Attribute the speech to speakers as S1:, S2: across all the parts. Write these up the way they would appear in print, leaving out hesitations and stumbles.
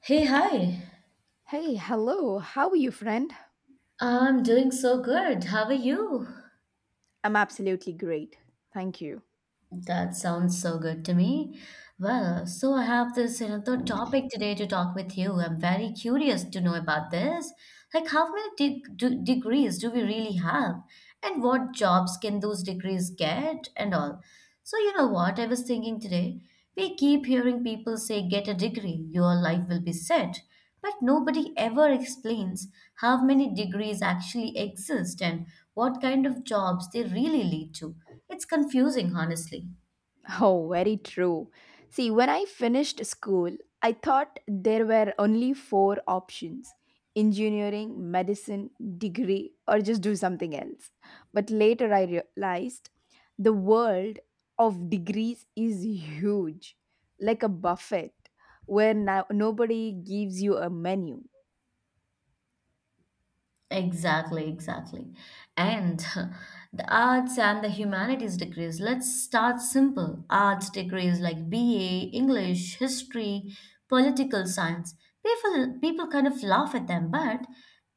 S1: Hey, hi.
S2: Hey, hello. How are you, friend?
S1: I'm doing so good. How are you?
S2: I'm absolutely great. Thank you.
S1: That sounds so good to me. Well, so I have this another topic today to talk with you. I'm very curious to know about this. Like, how many degrees do we really have? And what jobs can those degrees get and all? So, you know what? I was thinking today, we keep hearing people say, get a degree, your life will be set. But nobody ever explains how many degrees actually exist and what kind of jobs they really lead to. It's confusing, honestly.
S2: Oh, very true. See, when I finished school, I thought there were only four options: engineering, medicine, degree, or just do something else. But later I realized the world of degrees is huge, like a buffet where nobody gives you a menu.
S1: Exactly, exactly. And the arts and the humanities degrees. Let's start simple. Arts degrees like BA, English, history, political science. People kind of laugh at them, but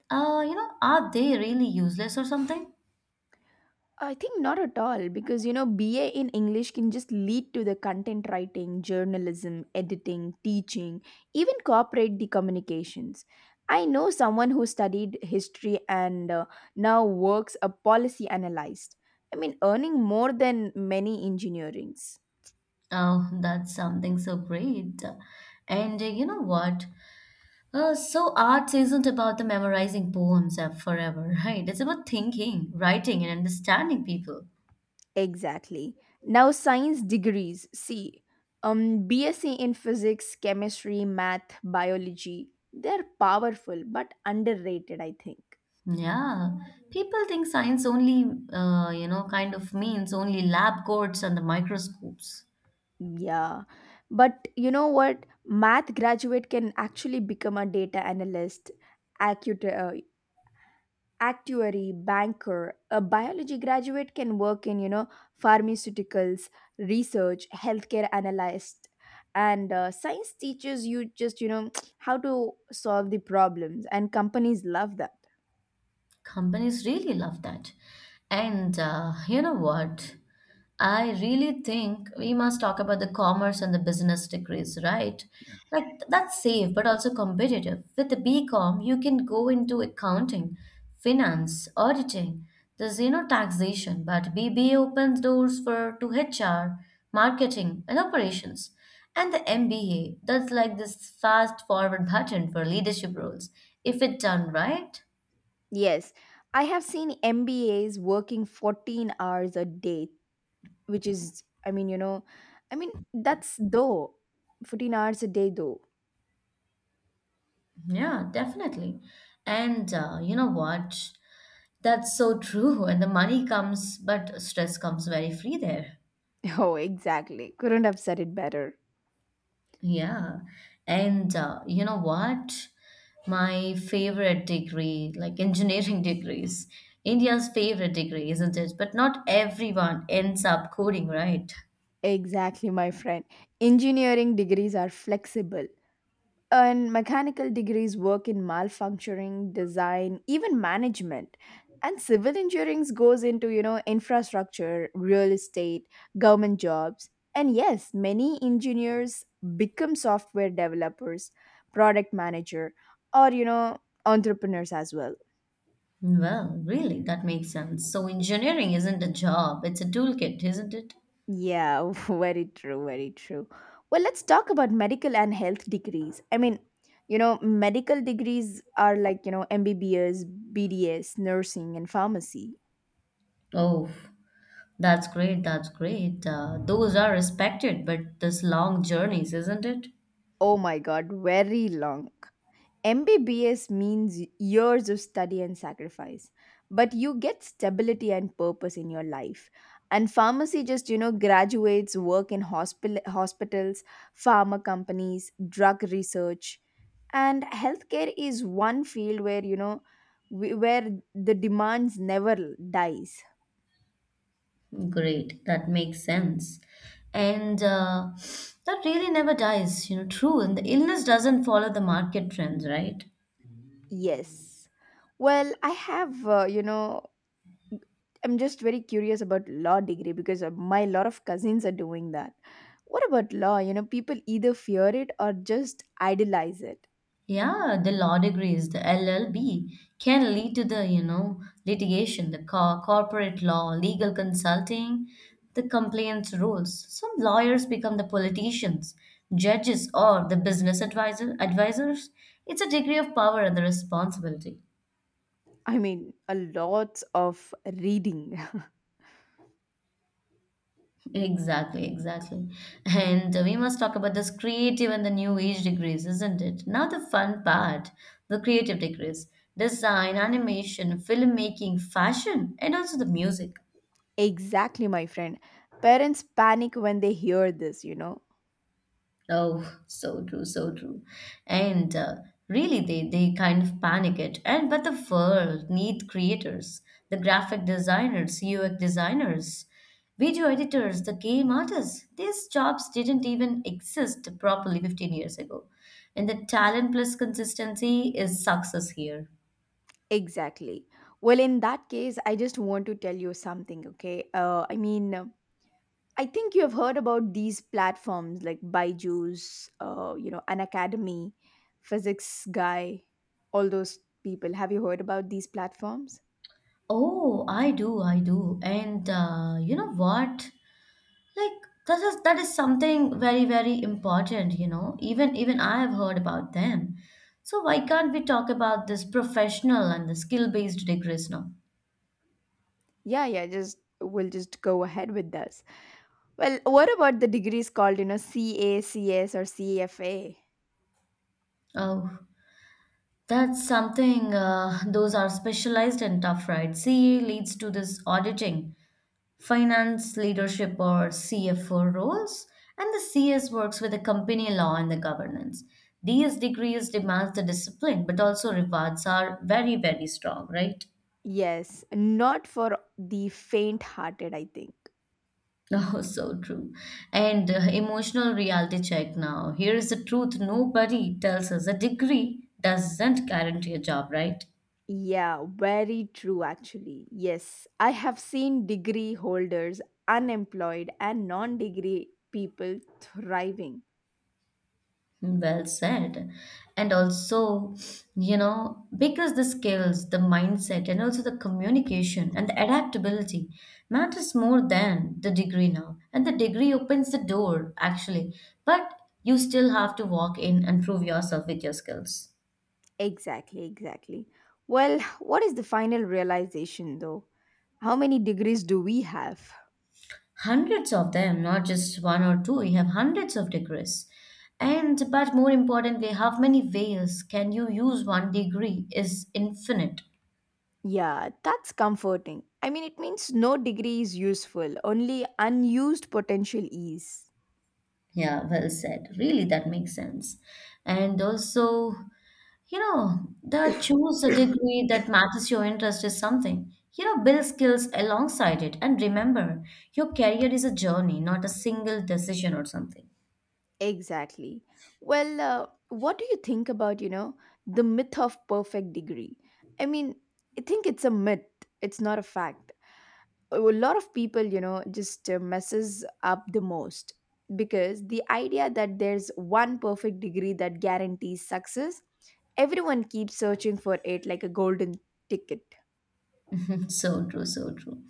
S1: you know, are they really useless or something?
S2: I think not at all, because you know BA in English can just lead to the content writing, journalism, editing, teaching, even corporate the communications. I know someone who studied history and now works a policy analyst. I mean, earning more than many engineerings.
S1: Oh, that's something so great. And you know what? So arts isn't about the memorizing poems forever, right? It's about thinking, writing, and understanding people.
S2: Exactly. Now, science degrees. See, BSc in physics, chemistry, math, biology, they're powerful but underrated, I think.
S1: Yeah, people think science only, you know, kind of means only lab coats and the microscopes.
S2: Yeah, but you know what? Math graduate can actually become a data analyst, actu- actuary, banker. A biology graduate can work in, you know, pharmaceuticals, research, healthcare analyst. And science teaches you just, you know, how to solve the problems, and companies love that.
S1: Companies really love that. And you know what? I really think we must talk about the commerce and the business degrees, right? Like that's safe but also competitive. With the BCom, you can go into accounting, finance, auditing. There's you know taxation, but BBA opens doors for to HR, marketing, and operations. And the MBA, that's like this fast forward button for leadership roles, if it's done right.
S2: Yes, I have seen MBAs working 14 hours a day, which is, I mean, that's though 14 hours a day, though.
S1: Yeah, definitely. And you know what? That's so true. And the money comes, but stress comes very free there.
S2: Oh, exactly. Couldn't have said it better.
S1: Yeah. And you know what? My favorite degree, like engineering degrees, India's favorite degree, isn't it? But not everyone ends up coding, right?
S2: Exactly, my friend. Engineering degrees are flexible, and mechanical degrees work in malfunctioning, design, even management. And civil engineering goes into, you know, infrastructure, real estate, government jobs. And yes, many engineers become software developers, product manager, or, you know, entrepreneurs as well.
S1: Well, really, that makes sense. So engineering isn't a job, it's a toolkit, isn't it?
S2: Yeah, very true, very true. Well, let's talk about medical and health degrees. I mean, you know, medical degrees are like, you know, MBBS, BDS, nursing, and pharmacy.
S1: Oh. That's great. That's great. Those are respected, but this long journeys, isn't it?
S2: Oh my God, very long. MBBS means years of study and sacrifice, but you get stability and purpose in your life. And pharmacy just, you know, graduates work in hospital, hospitals, pharma companies, drug research. And healthcare is one field where, you know, where the demands never dies.
S1: Great. That makes sense. And that really never dies, you know, true. And the illness doesn't follow the market trends, right?
S2: Yes. Well, I have, you know, I'm just very curious about law degree, because my lot of cousins are doing that. What about law? You know, people either fear it or just idolize it.
S1: Yeah, the law degrees, the LLB, can lead to the, you know, litigation, the corporate law, legal consulting, the compliance rules. Some lawyers become the politicians, judges, or the business advisors. It's a degree of power and the responsibility.
S2: I mean, a lot of reading.
S1: Exactly, exactly. And we must talk about this creative and the new age degrees, isn't it? Now, the fun part the creative degrees design, animation, filmmaking, fashion, and also the music.
S2: Exactly, my friend. Parents panic when they hear this, you know.
S1: Oh, so true, so true. And really, they kind of panic it. And but the world need creators, the graphic designers, UX designers, video editors, the game artists. These jobs didn't even exist properly 15 years ago. And the talent plus consistency is success here.
S2: Exactly. Well, in that case, I just want to tell you something, okay? I mean, I think you have heard about these platforms like Byju's, you know, an academy, physics guy, all those people. Have you heard about these platforms?
S1: Oh, I do, I do. And you know what? Like that is something very, very important, you know. Even I have heard about them. So why can't we talk about this professional and the skill-based degrees now?
S2: Yeah, yeah, just we'll just go ahead with this. Well, what about the degrees called, you know, CACS or CFA?
S1: Oh, that's something those are specialized and tough, right? CA leads to this auditing, finance, leadership, or CFO roles, and the CS works with the company law and the governance. These degrees demand the discipline, but also rewards are very, very strong, right?
S2: Yes, not for the faint hearted, I think.
S1: Oh, so true. And emotional reality check now. Here is the truth nobody tells us. A degree doesn't guarantee a job, right?
S2: Yeah, very true, actually. Yes, I have seen degree holders unemployed, and non degree people thriving.
S1: Hmm, well said. And also, you know, because the skills, the mindset, and also the communication and the adaptability matters more than the degree now. And the degree opens the door, actually. But you still have to walk in and prove yourself with your skills.
S2: Exactly, exactly. Well, what is the final realization though? How many degrees do we have?
S1: Hundreds of them, not just one or two. We have hundreds of degrees. And but more importantly, how many ways can you use one degree is infinite.
S2: Yeah, that's comforting. I mean, it means no degree is useful, only unused potential is.
S1: Yeah, well said. Really, that makes sense. And also, you know, the choose a degree that matches your interest is something. You know, build skills alongside it. And remember, your career is a journey, not a single decision or something.
S2: Exactly. Well, what do you think about, you know, the myth of perfect degree? I mean, I think it's a myth. It's not a fact. A lot of people, you know, just messes up the most, because the idea that there's one perfect degree that guarantees success, everyone keeps searching for it like a golden ticket.
S1: So true, so true.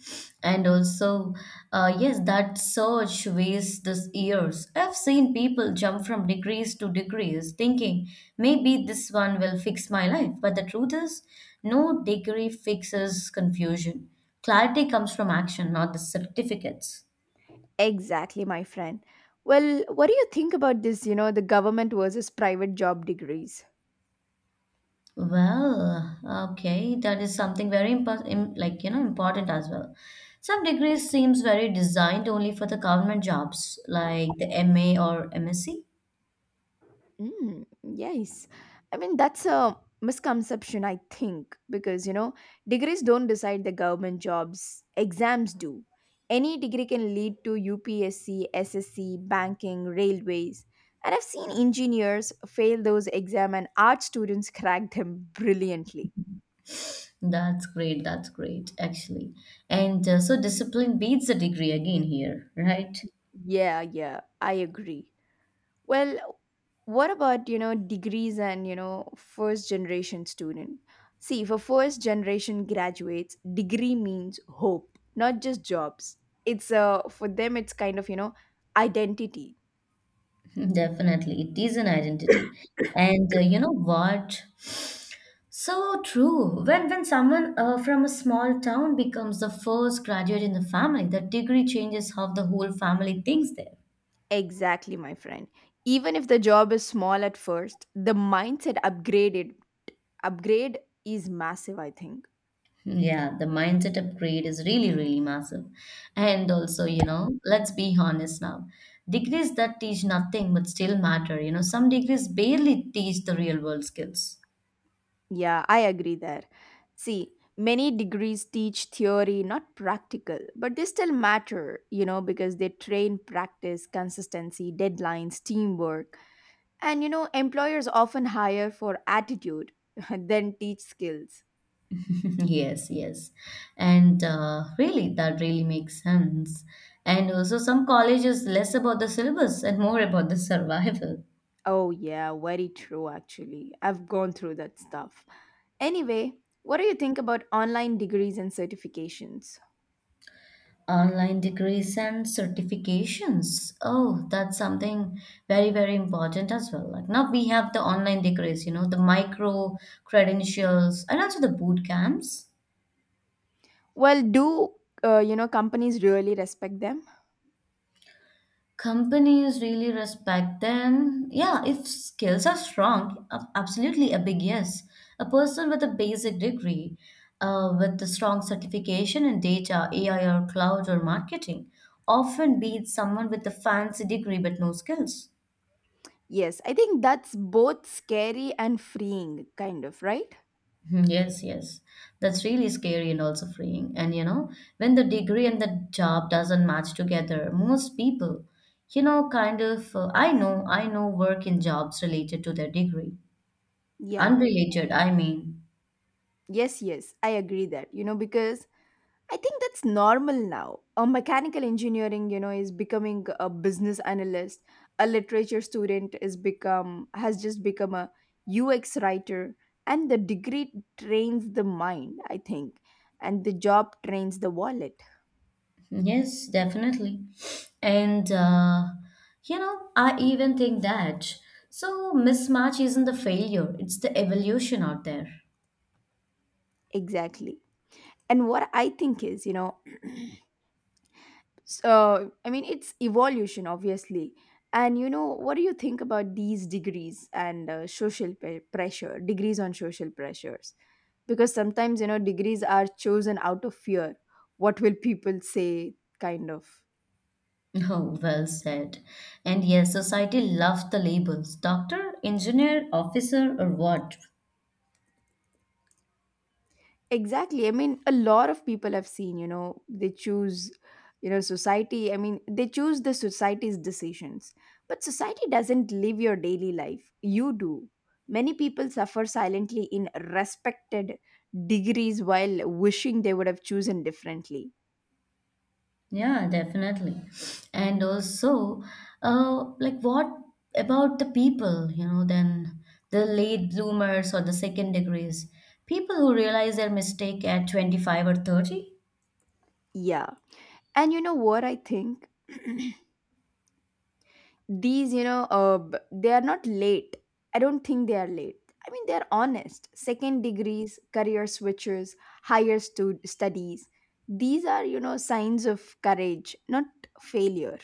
S1: And also, yes, that surge weighs this years. I've seen people jump from degrees to degrees thinking maybe this one will fix my life. But the truth is, no degree fixes confusion. Clarity comes from action, not the certificates.
S2: Exactly, my friend. Well, what do you think about this, you know, the government versus private job degrees?
S1: Well, okay, that is something very important, like you know, important as well. Some degrees seems very designed only for the government jobs, like the MA or MSc.
S2: Mm, yes. I mean, that's a misconception, I think, because, you know, degrees don't decide the government jobs, exams do. Any degree can lead to UPSC, SSC, banking, railways. And I've seen engineers fail those exams and art students crack them brilliantly.
S1: That's great. That's great, actually. And so discipline beats the degree again here, right?
S2: Yeah, yeah, I agree. Well, what about, you know, degrees and, you know, first generation student? See, for first generation graduates, degree means hope, not just jobs. It's for them it's kind of, you know, identity.
S1: Definitely. It is an identity. And you know what? So true. When someone from a small town becomes the first graduate in the family, the degree changes how the whole family thinks there.
S2: Exactly, my friend. Even if the job is small at first, the mindset upgraded upgrade is massive, I think.
S1: Yeah, the mindset upgrade is really, really massive. And also, you know, let's be honest now. Degrees that teach nothing but still matter. You know, some degrees barely teach the real world skills.
S2: Yeah, I agree there. See, many degrees teach theory, not practical, but they still matter, you know, because they train practice, consistency, deadlines, teamwork. And, you know, employers often hire for attitude, then teach skills.
S1: Yes, yes. And really, that really makes sense. And also, some colleges less about the syllabus and more about the survival.
S2: Oh, yeah, very true, actually. I've gone through that stuff. Anyway, what do you think about online degrees and certifications?
S1: Online degrees and certifications. Oh, that's something very, very important as well. Like now we have the online degrees, you know, the micro credentials and also the boot camps.
S2: Well, do you know companies really respect them?
S1: Companies really respect them. Yeah, if skills are strong, absolutely a big yes. A person with a basic degree, with the strong certification in data, AI or cloud or marketing, often beats someone with a fancy degree but no skills.
S2: Yes, I think that's both scary and freeing, kind of, right?
S1: Mhm. Yes, yes. That's really scary and also freeing. And you know, when the degree and the job doesn't match together, most people, you know, kind of, I know work in jobs related to their degree.
S2: Yeah.
S1: Unrelated, I mean.
S2: Yes, yes, I agree that. You know, because I think that's normal now. A mechanical engineering, you know, is becoming a business analyst. A literature student is become has just become a UX writer, and the degree trains the mind, I think, and the job trains the wallet.
S1: Yes, definitely. And, you know, I even think that. So, mismatch isn't the failure, it's the evolution out there.
S2: Exactly. And what I think is, you know, so I mean it's evolution, obviously. And you know, what do you think about these degrees and pressure degrees on social pressures, because sometimes you know degrees are chosen out of fear, what will people say kind of.
S1: Oh, well said. And yes, society loves the labels doctor, engineer, officer, or what?
S2: Exactly. I mean, a lot of people have seen, you know, they choose, you know, society. I mean, they choose the society's decisions. But society doesn't live your daily life. You do. Many people suffer silently in respected degrees while wishing they would have chosen differently.
S1: Yeah, definitely. And also, like what about the people, you know, then the late bloomers or the second degrees? People who realize their mistake at 25 or 30?
S2: Yeah. And you know what I think? These you know they are not late. I don't think they are late. I mean, they're honest, second degrees, career switches, studies, these are, you know, signs of courage, not failure.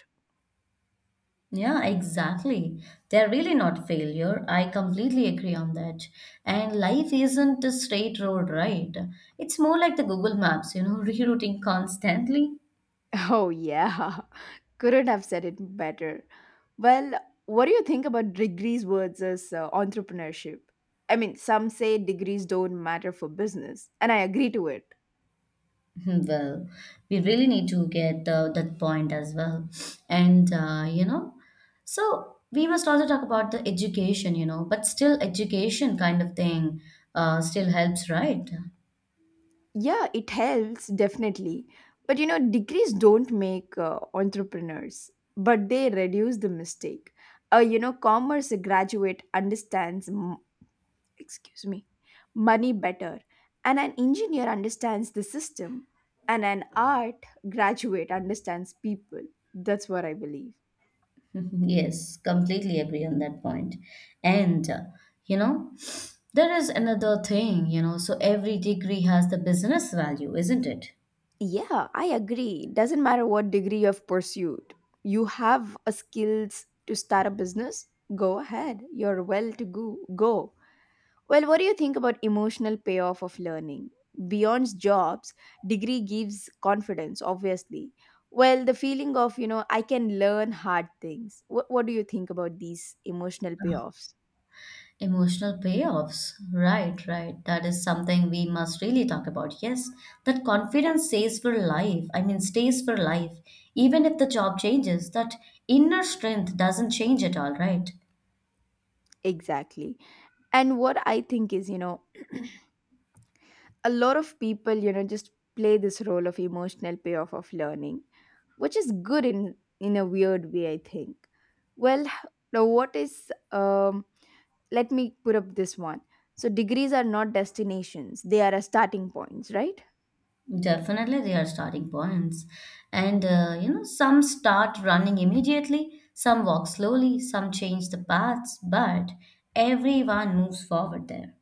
S1: Yeah, exactly. They're really not failure. I completely agree on that. And life isn't a straight road, right? It's more like the Google Maps, you know, rerouting constantly.
S2: Oh, yeah. Couldn't have said it better. Well, what do you think about degrees versus entrepreneurship? I mean, some say degrees don't matter for business, and I agree to it.
S1: Well, we really need to get that point as well. And, you know, so we must also talk about the education, you know, but still education kind of thing still helps, right?
S2: Yeah, it helps, definitely. But you know, degrees don't make entrepreneurs, but they reduce the mistake. You know, commerce graduate understands, excuse me, money better, and an engineer understands the system, and an art graduate understands people. That's what I believe.
S1: Yes, completely agree on that point. And, you know, there is another thing, you know, so every degree has the business value, isn't it?
S2: Yeah, I agree. Doesn't matter what degree you've pursued, you have a skills to start a business. Go ahead. You're well to go. Go. Well, what do you think about emotional payoff of learning? Beyond jobs, degree gives confidence, obviously. Well, the feeling of, you know, I can learn hard things. What do you think about these emotional payoffs?
S1: Emotional payoffs. Right, right. That is something we must really talk about. Yes, that confidence stays for life. I mean, stays for life. Even if the job changes, that inner strength doesn't change at all, right?
S2: Exactly. And what I think is, you know, a lot of people, you know, just play this role of emotional payoff of learning, which is good in a weird way, I think. Well, now what is let me put up this one. So degrees are not destinations, they are a starting points, right?
S1: Definitely, they are starting points. And, you know, some start running immediately, some walk slowly, some change the paths, but everyone moves forward there.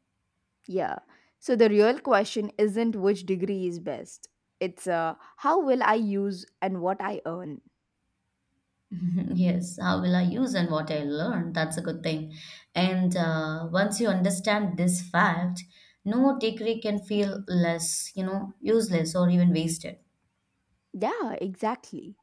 S2: Yeah. So the real question isn't which degree is best. It's how will I use and what I earn.
S1: Yes, how will I use and what I learn? That's a good thing. And once you understand this fact, no degree can feel less, you know, useless or even wasted.
S2: Yeah, exactly.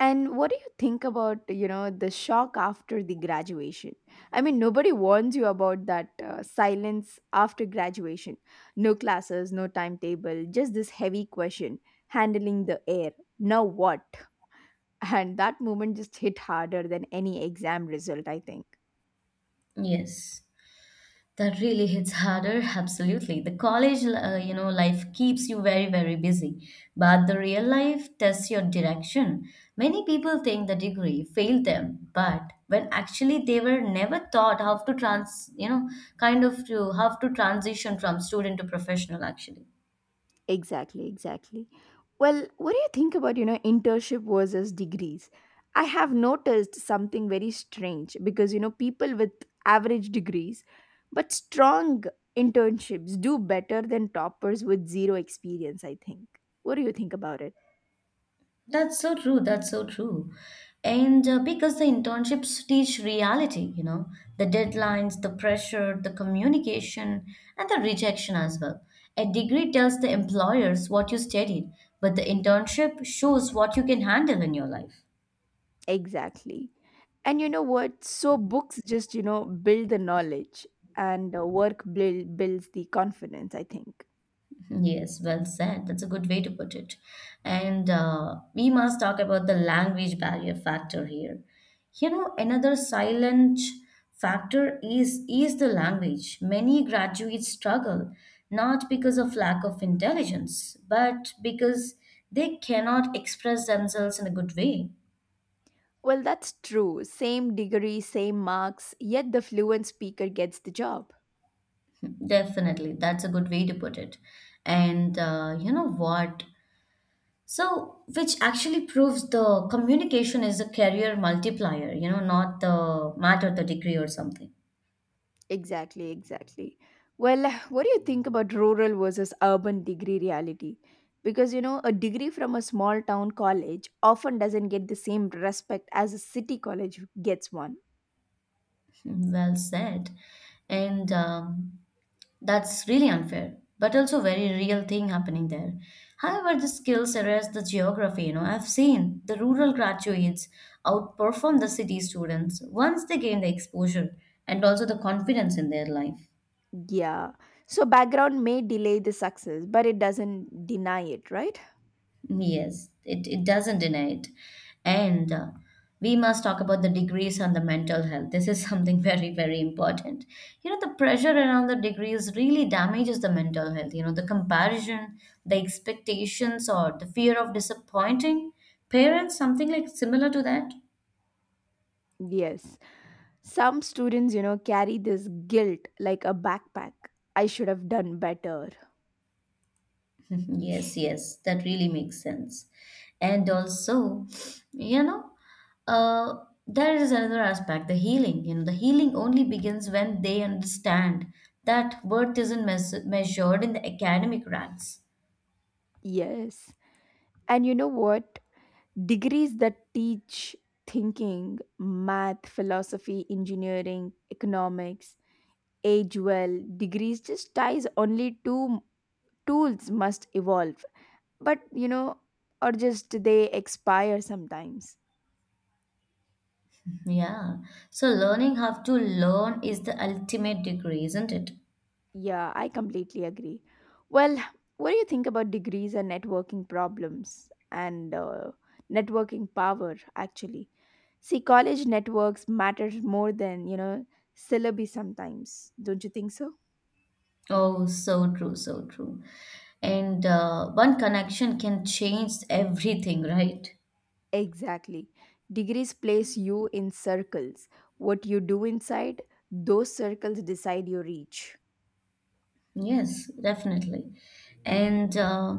S2: And what do you think about, you know, the shock after the graduation? I mean, nobody warns you about that silence after graduation. No classes, no timetable, just this heavy question handling the air. Now what? And that moment just hit harder than any exam result, I think.
S1: Yes. That really hits harder, absolutely. The college, you know, life keeps you very, very busy, but the real life tests your direction. Many people think the degree failed them, but when actually they were never taught how to trans, you know, kind of to how to transition from student to professional. Actually,
S2: Exactly, exactly. Well, what do you think about, you know, internship versus degrees? I have noticed something very strange, because, you know, people with average degrees but strong internships do better than toppers with zero experience, I think. What do you think about it?
S1: that's so true. That's so true. And because the internships teach reality, you know, the deadlines, the pressure, the communication, and the rejection as well. A degree tells the employers what you studied, but the internship shows what you can handle in your life.
S2: Exactly. And you know what? So books just, you know, build the knowledge and builds the confidence, I think.
S1: Yes, well said. That's a good way to put it. And we must talk about the language barrier factor here. You know, another silent factor is the language. Many graduates struggle not because of lack of intelligence, but because they cannot express themselves in a good way.
S2: Well, that's true. Same degree, same marks, yet the fluent speaker gets the job.
S1: Definitely, that's a good way to put it. And you know what? So, which actually proves the communication is a career multiplier, you know, not the matter, the degree or something.
S2: Exactly, exactly. Well, what do you think about rural versus urban degree reality? Because you know, a degree from a small town college often doesn't get the same respect as a city college gets one.
S1: Well said. And that's really unfair, but also very real thing happening there. However, the skills erase the geography, you know. I've seen the rural graduates outperform the city students once they gain the exposure and also the confidence in their life.
S2: Yeah. So background may delay the success, but it doesn't deny it, right?
S1: Yes, it doesn't deny it. And we must talk about the degrees and the mental health. This is something very, very important. You know, the pressure around the degrees really damages the mental health. You know, the comparison, the expectations, or the fear of disappointing parents, something like similar to that.
S2: Yes. Some students, you know, carry this guilt like a backpack. I should have done better.
S1: Yes, that really makes sense. And also, you know, uh, there is another aspect, the healing. You know, the healing only begins when they understand that worth isn't measured in the academic ranks.
S2: Yes. And you know what? Degrees that teach thinking, math, philosophy, engineering, economics, age well. Degrees just ties only to tools must evolve. But you know, or just they expire sometimes.
S1: Yeah. So learning how to learn is the ultimate degree, isn't it?
S2: Yeah, I completely agree. Well, what do you think about degrees and networking problems and networking power actually? See, college networks matter more than, you know, syllabi sometimes. Don't you think so?
S1: Oh, so true, so true. And one connection can change everything, right?
S2: Exactly. Degrees place you in circles. What you do inside those circles decide your reach.
S1: Yes, definitely. And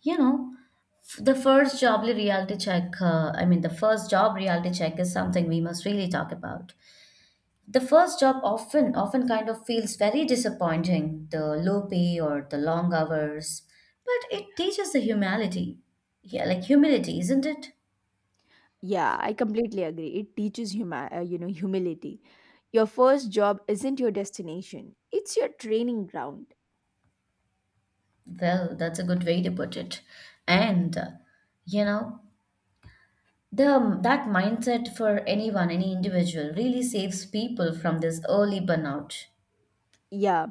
S1: you know, the first job reality check, I mean, the first job reality check is something we must really talk about. The first job often kind of feels very disappointing, the low pay or the long hours, but it teaches the humility. Yeah, like humility, isn't it?
S2: Yeah, I completely agree. It teaches you know, humility. Your first job isn't your destination. It's your training ground.
S1: Well, that's a good way to put it. And you know, The that mindset for anyone, any individual, really saves people from this early burnout.
S2: Yeah,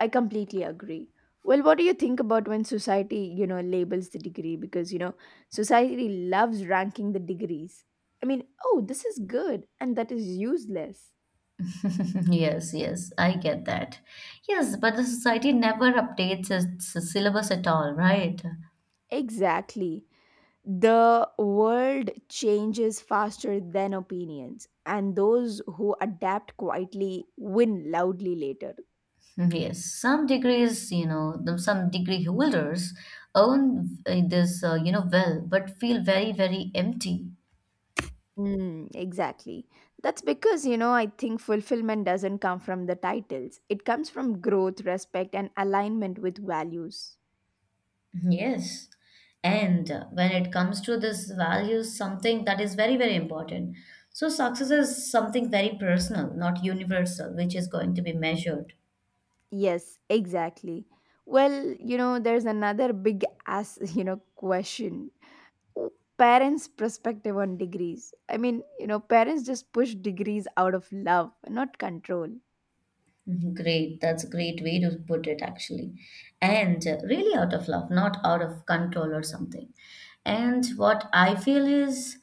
S2: I completely agree. Well, what do you think about when society, you know, labels the degree? Because, you know, society loves ranking the degrees. I mean, oh, this is good and that is useless.
S1: Yes, I get that. Yes, but the society never updates its syllabus at all, right?
S2: Exactly. The world changes faster than opinions, and those who adapt quietly win loudly later.
S1: Yes, some degrees, some degree holders own this, well, but feel very empty.
S2: Mm, exactly. That's because, you know, I think fulfillment doesn't come from the titles. It comes from growth, respect, and alignment with values.
S1: Yes. And when it comes to this values, something that is very important. So success is something very personal, not universal, which is going to be measured.
S2: Yes, exactly. Well, you know, there's another big ass, you know, question. W- Parents' perspective on degrees. I mean, you know, parents just push degrees out of love, not control.
S1: Mhm. Great. That's a great way to put it, actually. And really out of love, not out of control or something. And what I feel is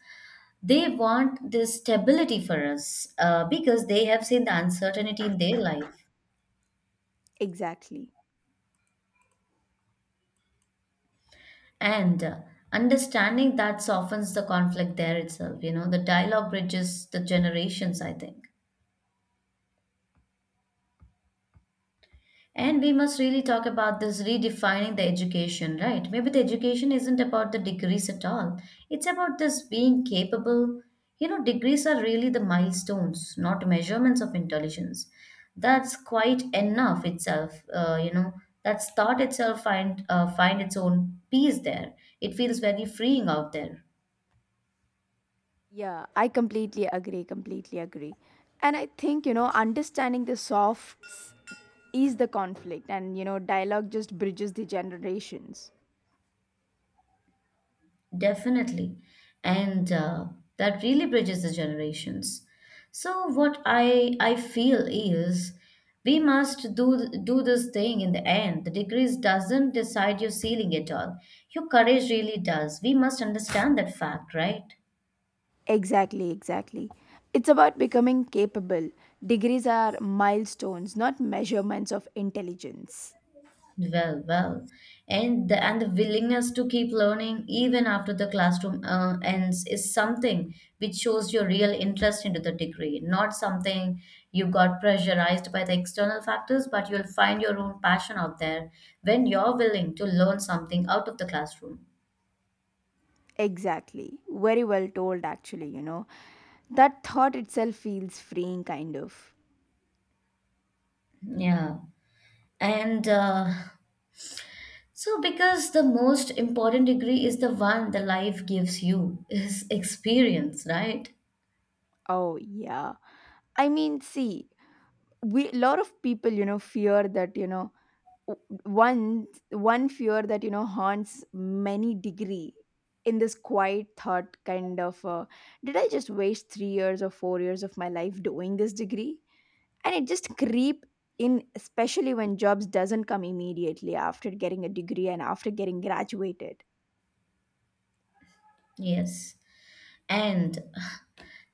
S1: they want this stability for us because they have seen the uncertainty in their life.
S2: Exactly.
S1: And understanding that softens the conflict there itself. You know, the dialogue bridges the generations, I think. And we must really talk about this redefining the education, right? Maybe the education isn't about the degrees at all. It's about this being capable. You know, degrees are really the milestones, not measurements of intelligence. That's quite enough itself. That's thought itself find its own peace there. It feels very freeing out there.
S2: Yeah, I completely agree, completely agree. And I think, you know, understanding the soft ease the conflict, and you know dialogue just bridges the generations.
S1: Definitely. And that really bridges the generations. So what I feel is we must do this thing in the end. The degrees doesn't decide your ceiling at all. Your courage really does. We must understand that fact, right?
S2: Exactly, exactly. It's about becoming capable. Degrees are milestones, not measurements of intelligence.
S1: Well, well, and the willingness to keep learning even after the classroom ends is something which shows your real interest into the degree, not something you got pressurized by the external factors, but you'll find your own passion out there when you're willing to learn something out of the classroom.
S2: Exactly. Very well told, actually, you know, that thought itself feels freeing kind of.
S1: Yeah. And so, because the most important degree is the one the life gives you, is experience, right?
S2: Oh yeah, I mean, see, we, a lot of people, you know, fear that, you know, one fear that, you know, haunts many degree in this quiet thought kind of. Did I just waste 3 years or 4 years of my life doing this degree? And it just creep in, especially when jobs doesn't come immediately after getting a degree and after getting graduated.
S1: Yes. And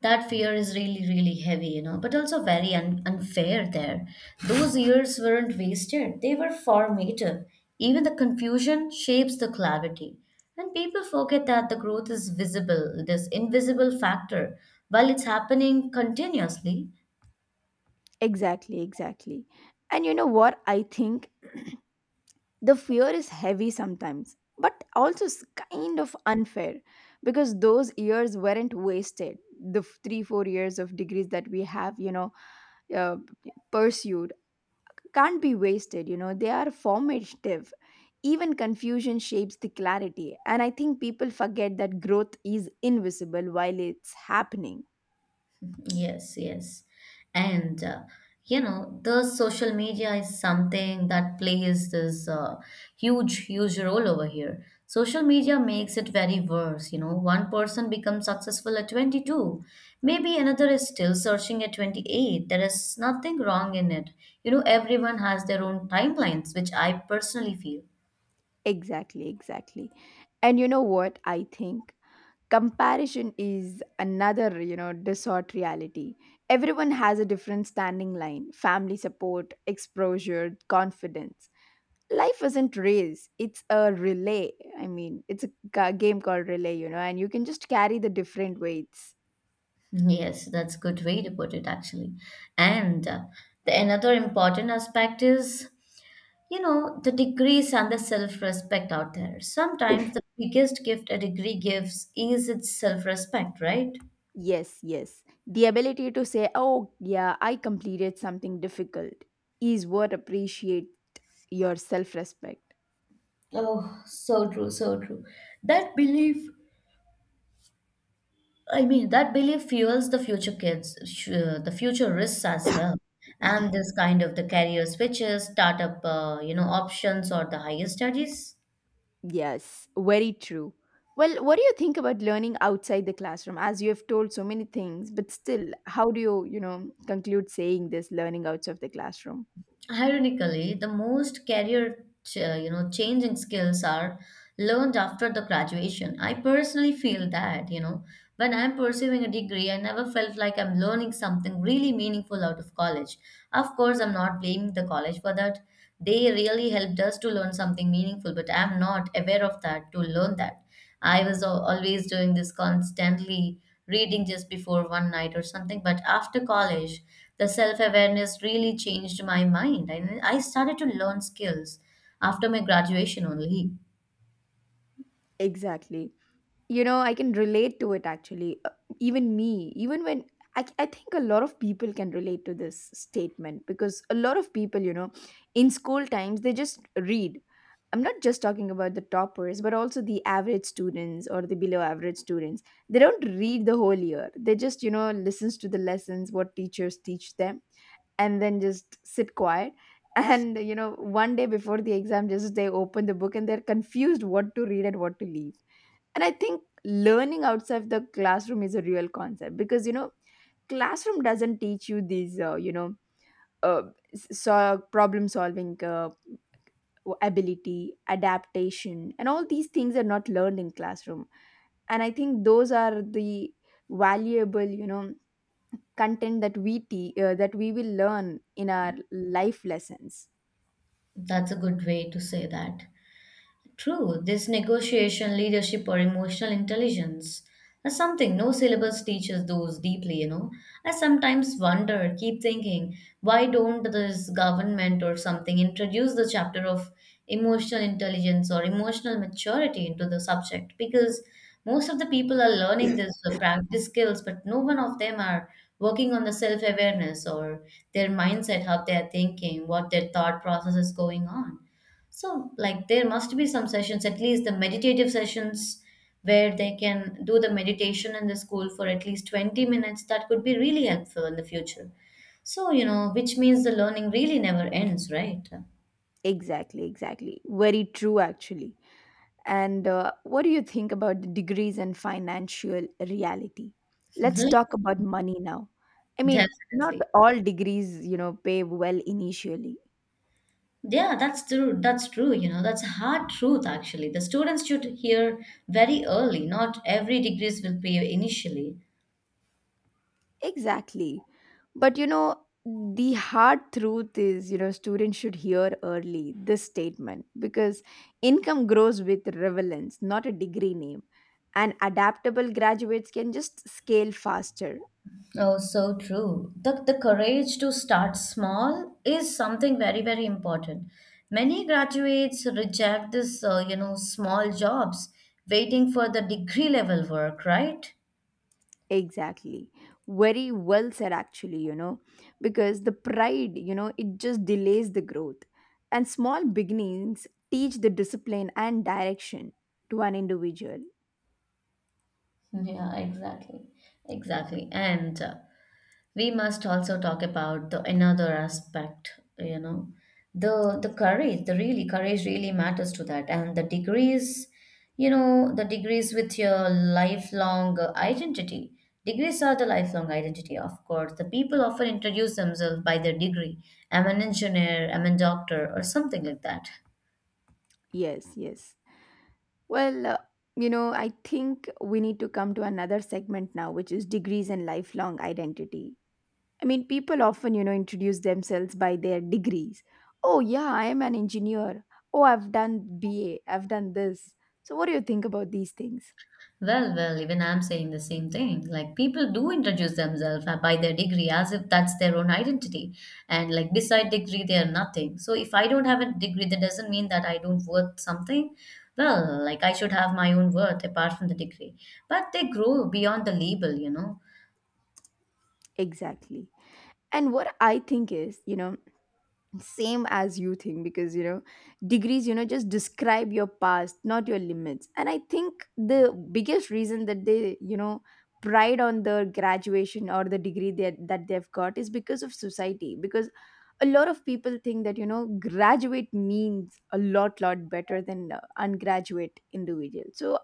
S1: that fear is really heavy, you know, but also very unfair there. Those years weren't wasted, they were formative. Even the confusion shapes the clarity, and people forget that the growth is visible, this invisible factor, while it's happening continuously.
S2: Exactly, exactly. And you know what I think, the fear is heavy sometimes, but also kind of unfair. Because those years weren't wasted. The three four years of degrees that we have, you know, uh, pursued, can't be wasted, you know. They are formative. Even confusion shapes the clarity, and I think people forget that growth is invisible while it's happening.
S1: Yes. And you know, the social media is something that plays this huge role over here. Social media makes it very worse. You know, one person becomes successful at 22. Maybe another is still searching at 28. There is nothing wrong in it. You know, everyone has their own timelines, which I personally feel.
S2: Exactly, exactly. And you know what I think, comparison is another, you know, distort reality. Everyone has a different standing line, family support, exposure, confidence. Life isn't race, it's a relay. I mean, it's a game called relay, you know, and you can just carry the different weights.
S1: Yes, that's a good way to put it, actually. And the another important aspect is, you know, the degrees and the self respect out there. Sometimes the biggest gift a degree gives is its self respect, right?
S2: Yes, yes, the ability to say, oh yeah, I completed something difficult is what appreciate your self-respect.
S1: Oh, so true, so true. That belief, that belief fuels the future risks as well. And this kind of the career switches, startup, options or the higher studies.
S2: Yes, very true. Well, what do you think about learning outside the classroom? As you have told so many things, but still, how do you, you know, conclude saying this learning outside of the classroom?
S1: Ironically, the most career changing skills are learned after the graduation. I personally feel that, you know, when I'm pursuing a degree, I never felt like I'm learning something really meaningful out of college. Of course, I'm not blaming the college for that. They really helped us to learn something meaningful, but I'm not aware of that to learn that. I was always doing this constantly reading just before one night or something. But after college, the self awareness really changed my mind. And I started to learn skills after my graduation only.
S2: Exactly. You know, I can relate to it actually. Even me, even when I think a lot of people can relate to this statement, because a lot of people, you know, in school times, they just read. I'm not just talking about the toppers, but also the average students or the below average students. They don't read the whole year, they just, you know, listens to the lessons what teachers teach them, and then just sit quiet and you know one day before the exam, just they open the book and they're confused what to read and what to leave. And I think learning outside the classroom is a real concept, because you know classroom doesn't teach you these, uh, s- so problem solving, ability, adaptation, and all these things are not learned in classroom. And I think those are the valuable, you know, content that we that we will learn in our life lessons.
S1: That's a good way to say that. True, this negotiation, leadership, or emotional intelligence is something no syllabus teaches those deeply, you know. I sometimes wonder, keep thinking, why don't this government or something introduce the chapter of emotional intelligence or emotional maturity into the subject? Because most of the people are learning this practice skills, but no one of them are working on the self awareness or their mindset, how they are thinking, what their thought process is going on. So, like, there must be some sessions, at least the meditative sessions, where they can do the meditation in the school for at least 20 minutes. That could be really helpful in the future. So, you know, which means the learning really never ends, right?
S2: Exactly, exactly, very true actually. And what do you think about the degrees and financial reality? Let's
S1: Mhm.
S2: talk about money now. I mean, not
S1: Definitely.
S2: all degrees, you know, pay well initially.
S1: Yeah, that's true. That's true. You know, that's a hard truth, actually. The students should hear very early. Not every degrees will pay initially.
S2: Exactly. But, you know, the hard truth is, you know, students should hear early this statement, because income grows with relevance, not a degree name. And adaptable graduates can just scale faster.
S1: Oh, so true. The courage to start small is something very important. Many graduates reject this, small jobs, waiting for the degree level work, right?
S2: Exactly. Very well said, actually, you know, because the pride, you know, it just delays the growth. And small beginnings teach the discipline and direction to an individual.
S1: Yeah, exactly. Exactly. And we must also talk about the another aspect, you know, the courage, the really courage really matters to that. And the degrees, you know, the degrees with your lifelong identity. Degrees are the lifelong identity, of course. The people often introduce themselves by their degree. I'm an engineer, I'm a doctor, or something like that.
S2: Yes, yes. Well, you know, I think we need to come to another segment now, which is degrees and lifelong identity. I mean, people often, you know, introduce themselves by their degrees. Oh, yeah, I am an engineer. Oh, I've done B. have done this. So, what do you think about these things?
S1: Even I'm saying the same thing. Like people do introduce themselves by their degree as if that's their own identity. And like beside degree, they are nothing. So if I don't have a degree, that doesn't mean that I don't worth something. Well, like I should have my own worth apart from the degree. But they grow beyond the label, you know.
S2: Exactly. And what I think is, you know, same as you think, because, you know, degrees, you know, just describe your past, not your limits. And I think the biggest reason that they, you know, pride on the graduation or the degree that, they've got is because of society. Because a lot of people think that, you know, graduate means a lot, lot better than ungraduate individual. So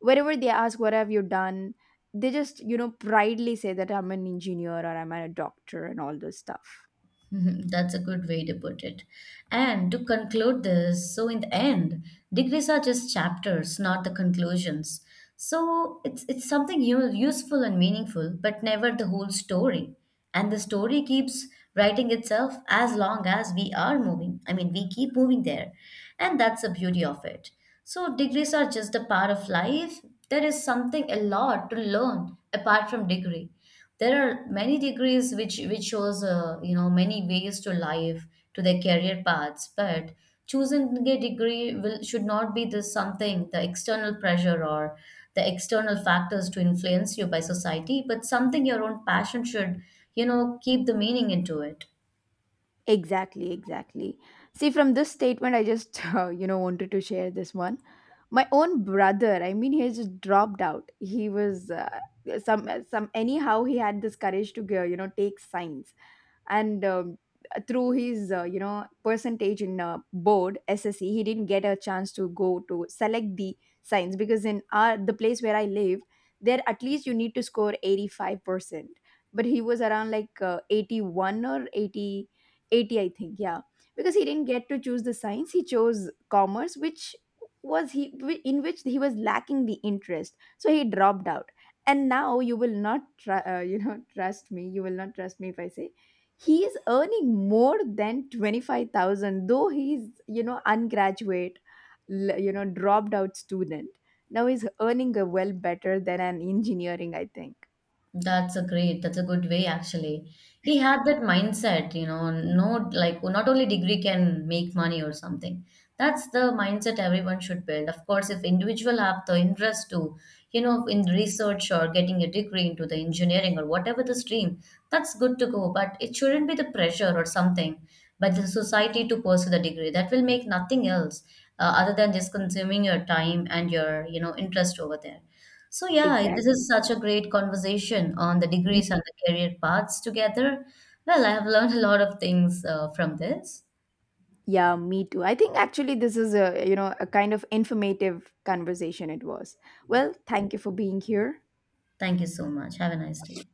S2: whenever they ask what have you done, they just, you know, proudly say that I'm an engineer or I'm a doctor and all this stuff.
S1: Mhm. That's a good way to put it. And to conclude this, so in the end, degrees are just chapters, not the conclusions. So it's something useful and meaningful, but never the whole story. And the story keeps writing itself as long as we are moving. I mean, we keep moving there, and that's the beauty of it. So degrees are just a part of life. There is something a lot to learn apart from degree. There are many degrees which shows, you know, many ways to life, to their career paths, but choosing a degree will should not be the something the external pressure or the external factors to influence you by society, but something your own passion should, you know, keep the meaning into it.
S2: Exactly, exactly. See, from this statement, I just wanted to share this one. My own brother, I mean, he has just dropped out. He was, some anyhow, he had this courage to go, you know, take science. And through his, you know, percentage in, board sse, he didn't get a chance to go to select the science, because in our the place where I live, there at least you need to score 85%, but he was around like, 81 or 80, 80, I think. Yeah, because he didn't get to choose the science, he chose commerce, which was he, in which he was lacking the interest, so he dropped out. And now you will not trust me, you will not trust me if I say he is earning more than 25,000, though he's, you know, ungraduate, dropped out student. Now he's earning a well better than an engineering, I think.
S1: That's a great, that's a good way actually. He had that mindset, you know, no, like not only degree can make money or something. That's the mindset everyone should build. Of course, if individual have the interest to, you know, in research or getting a degree into the engineering or whatever the stream, that's good to go. But it shouldn't be the pressure or something by the society to pursue the degree. That will make nothing else other than just consuming your time and your, you know, interest over there. So, yeah, this
S2: Exactly.
S1: is such a great conversation on the degrees
S2: Mhm.
S1: and the career paths together. Well, I have learned a lot of things from this.
S2: Yeah, me too. I think actually this is a, you know, a kind of informative conversation it was. Well, thank you for being here.
S1: Thank you so much. Have a nice day.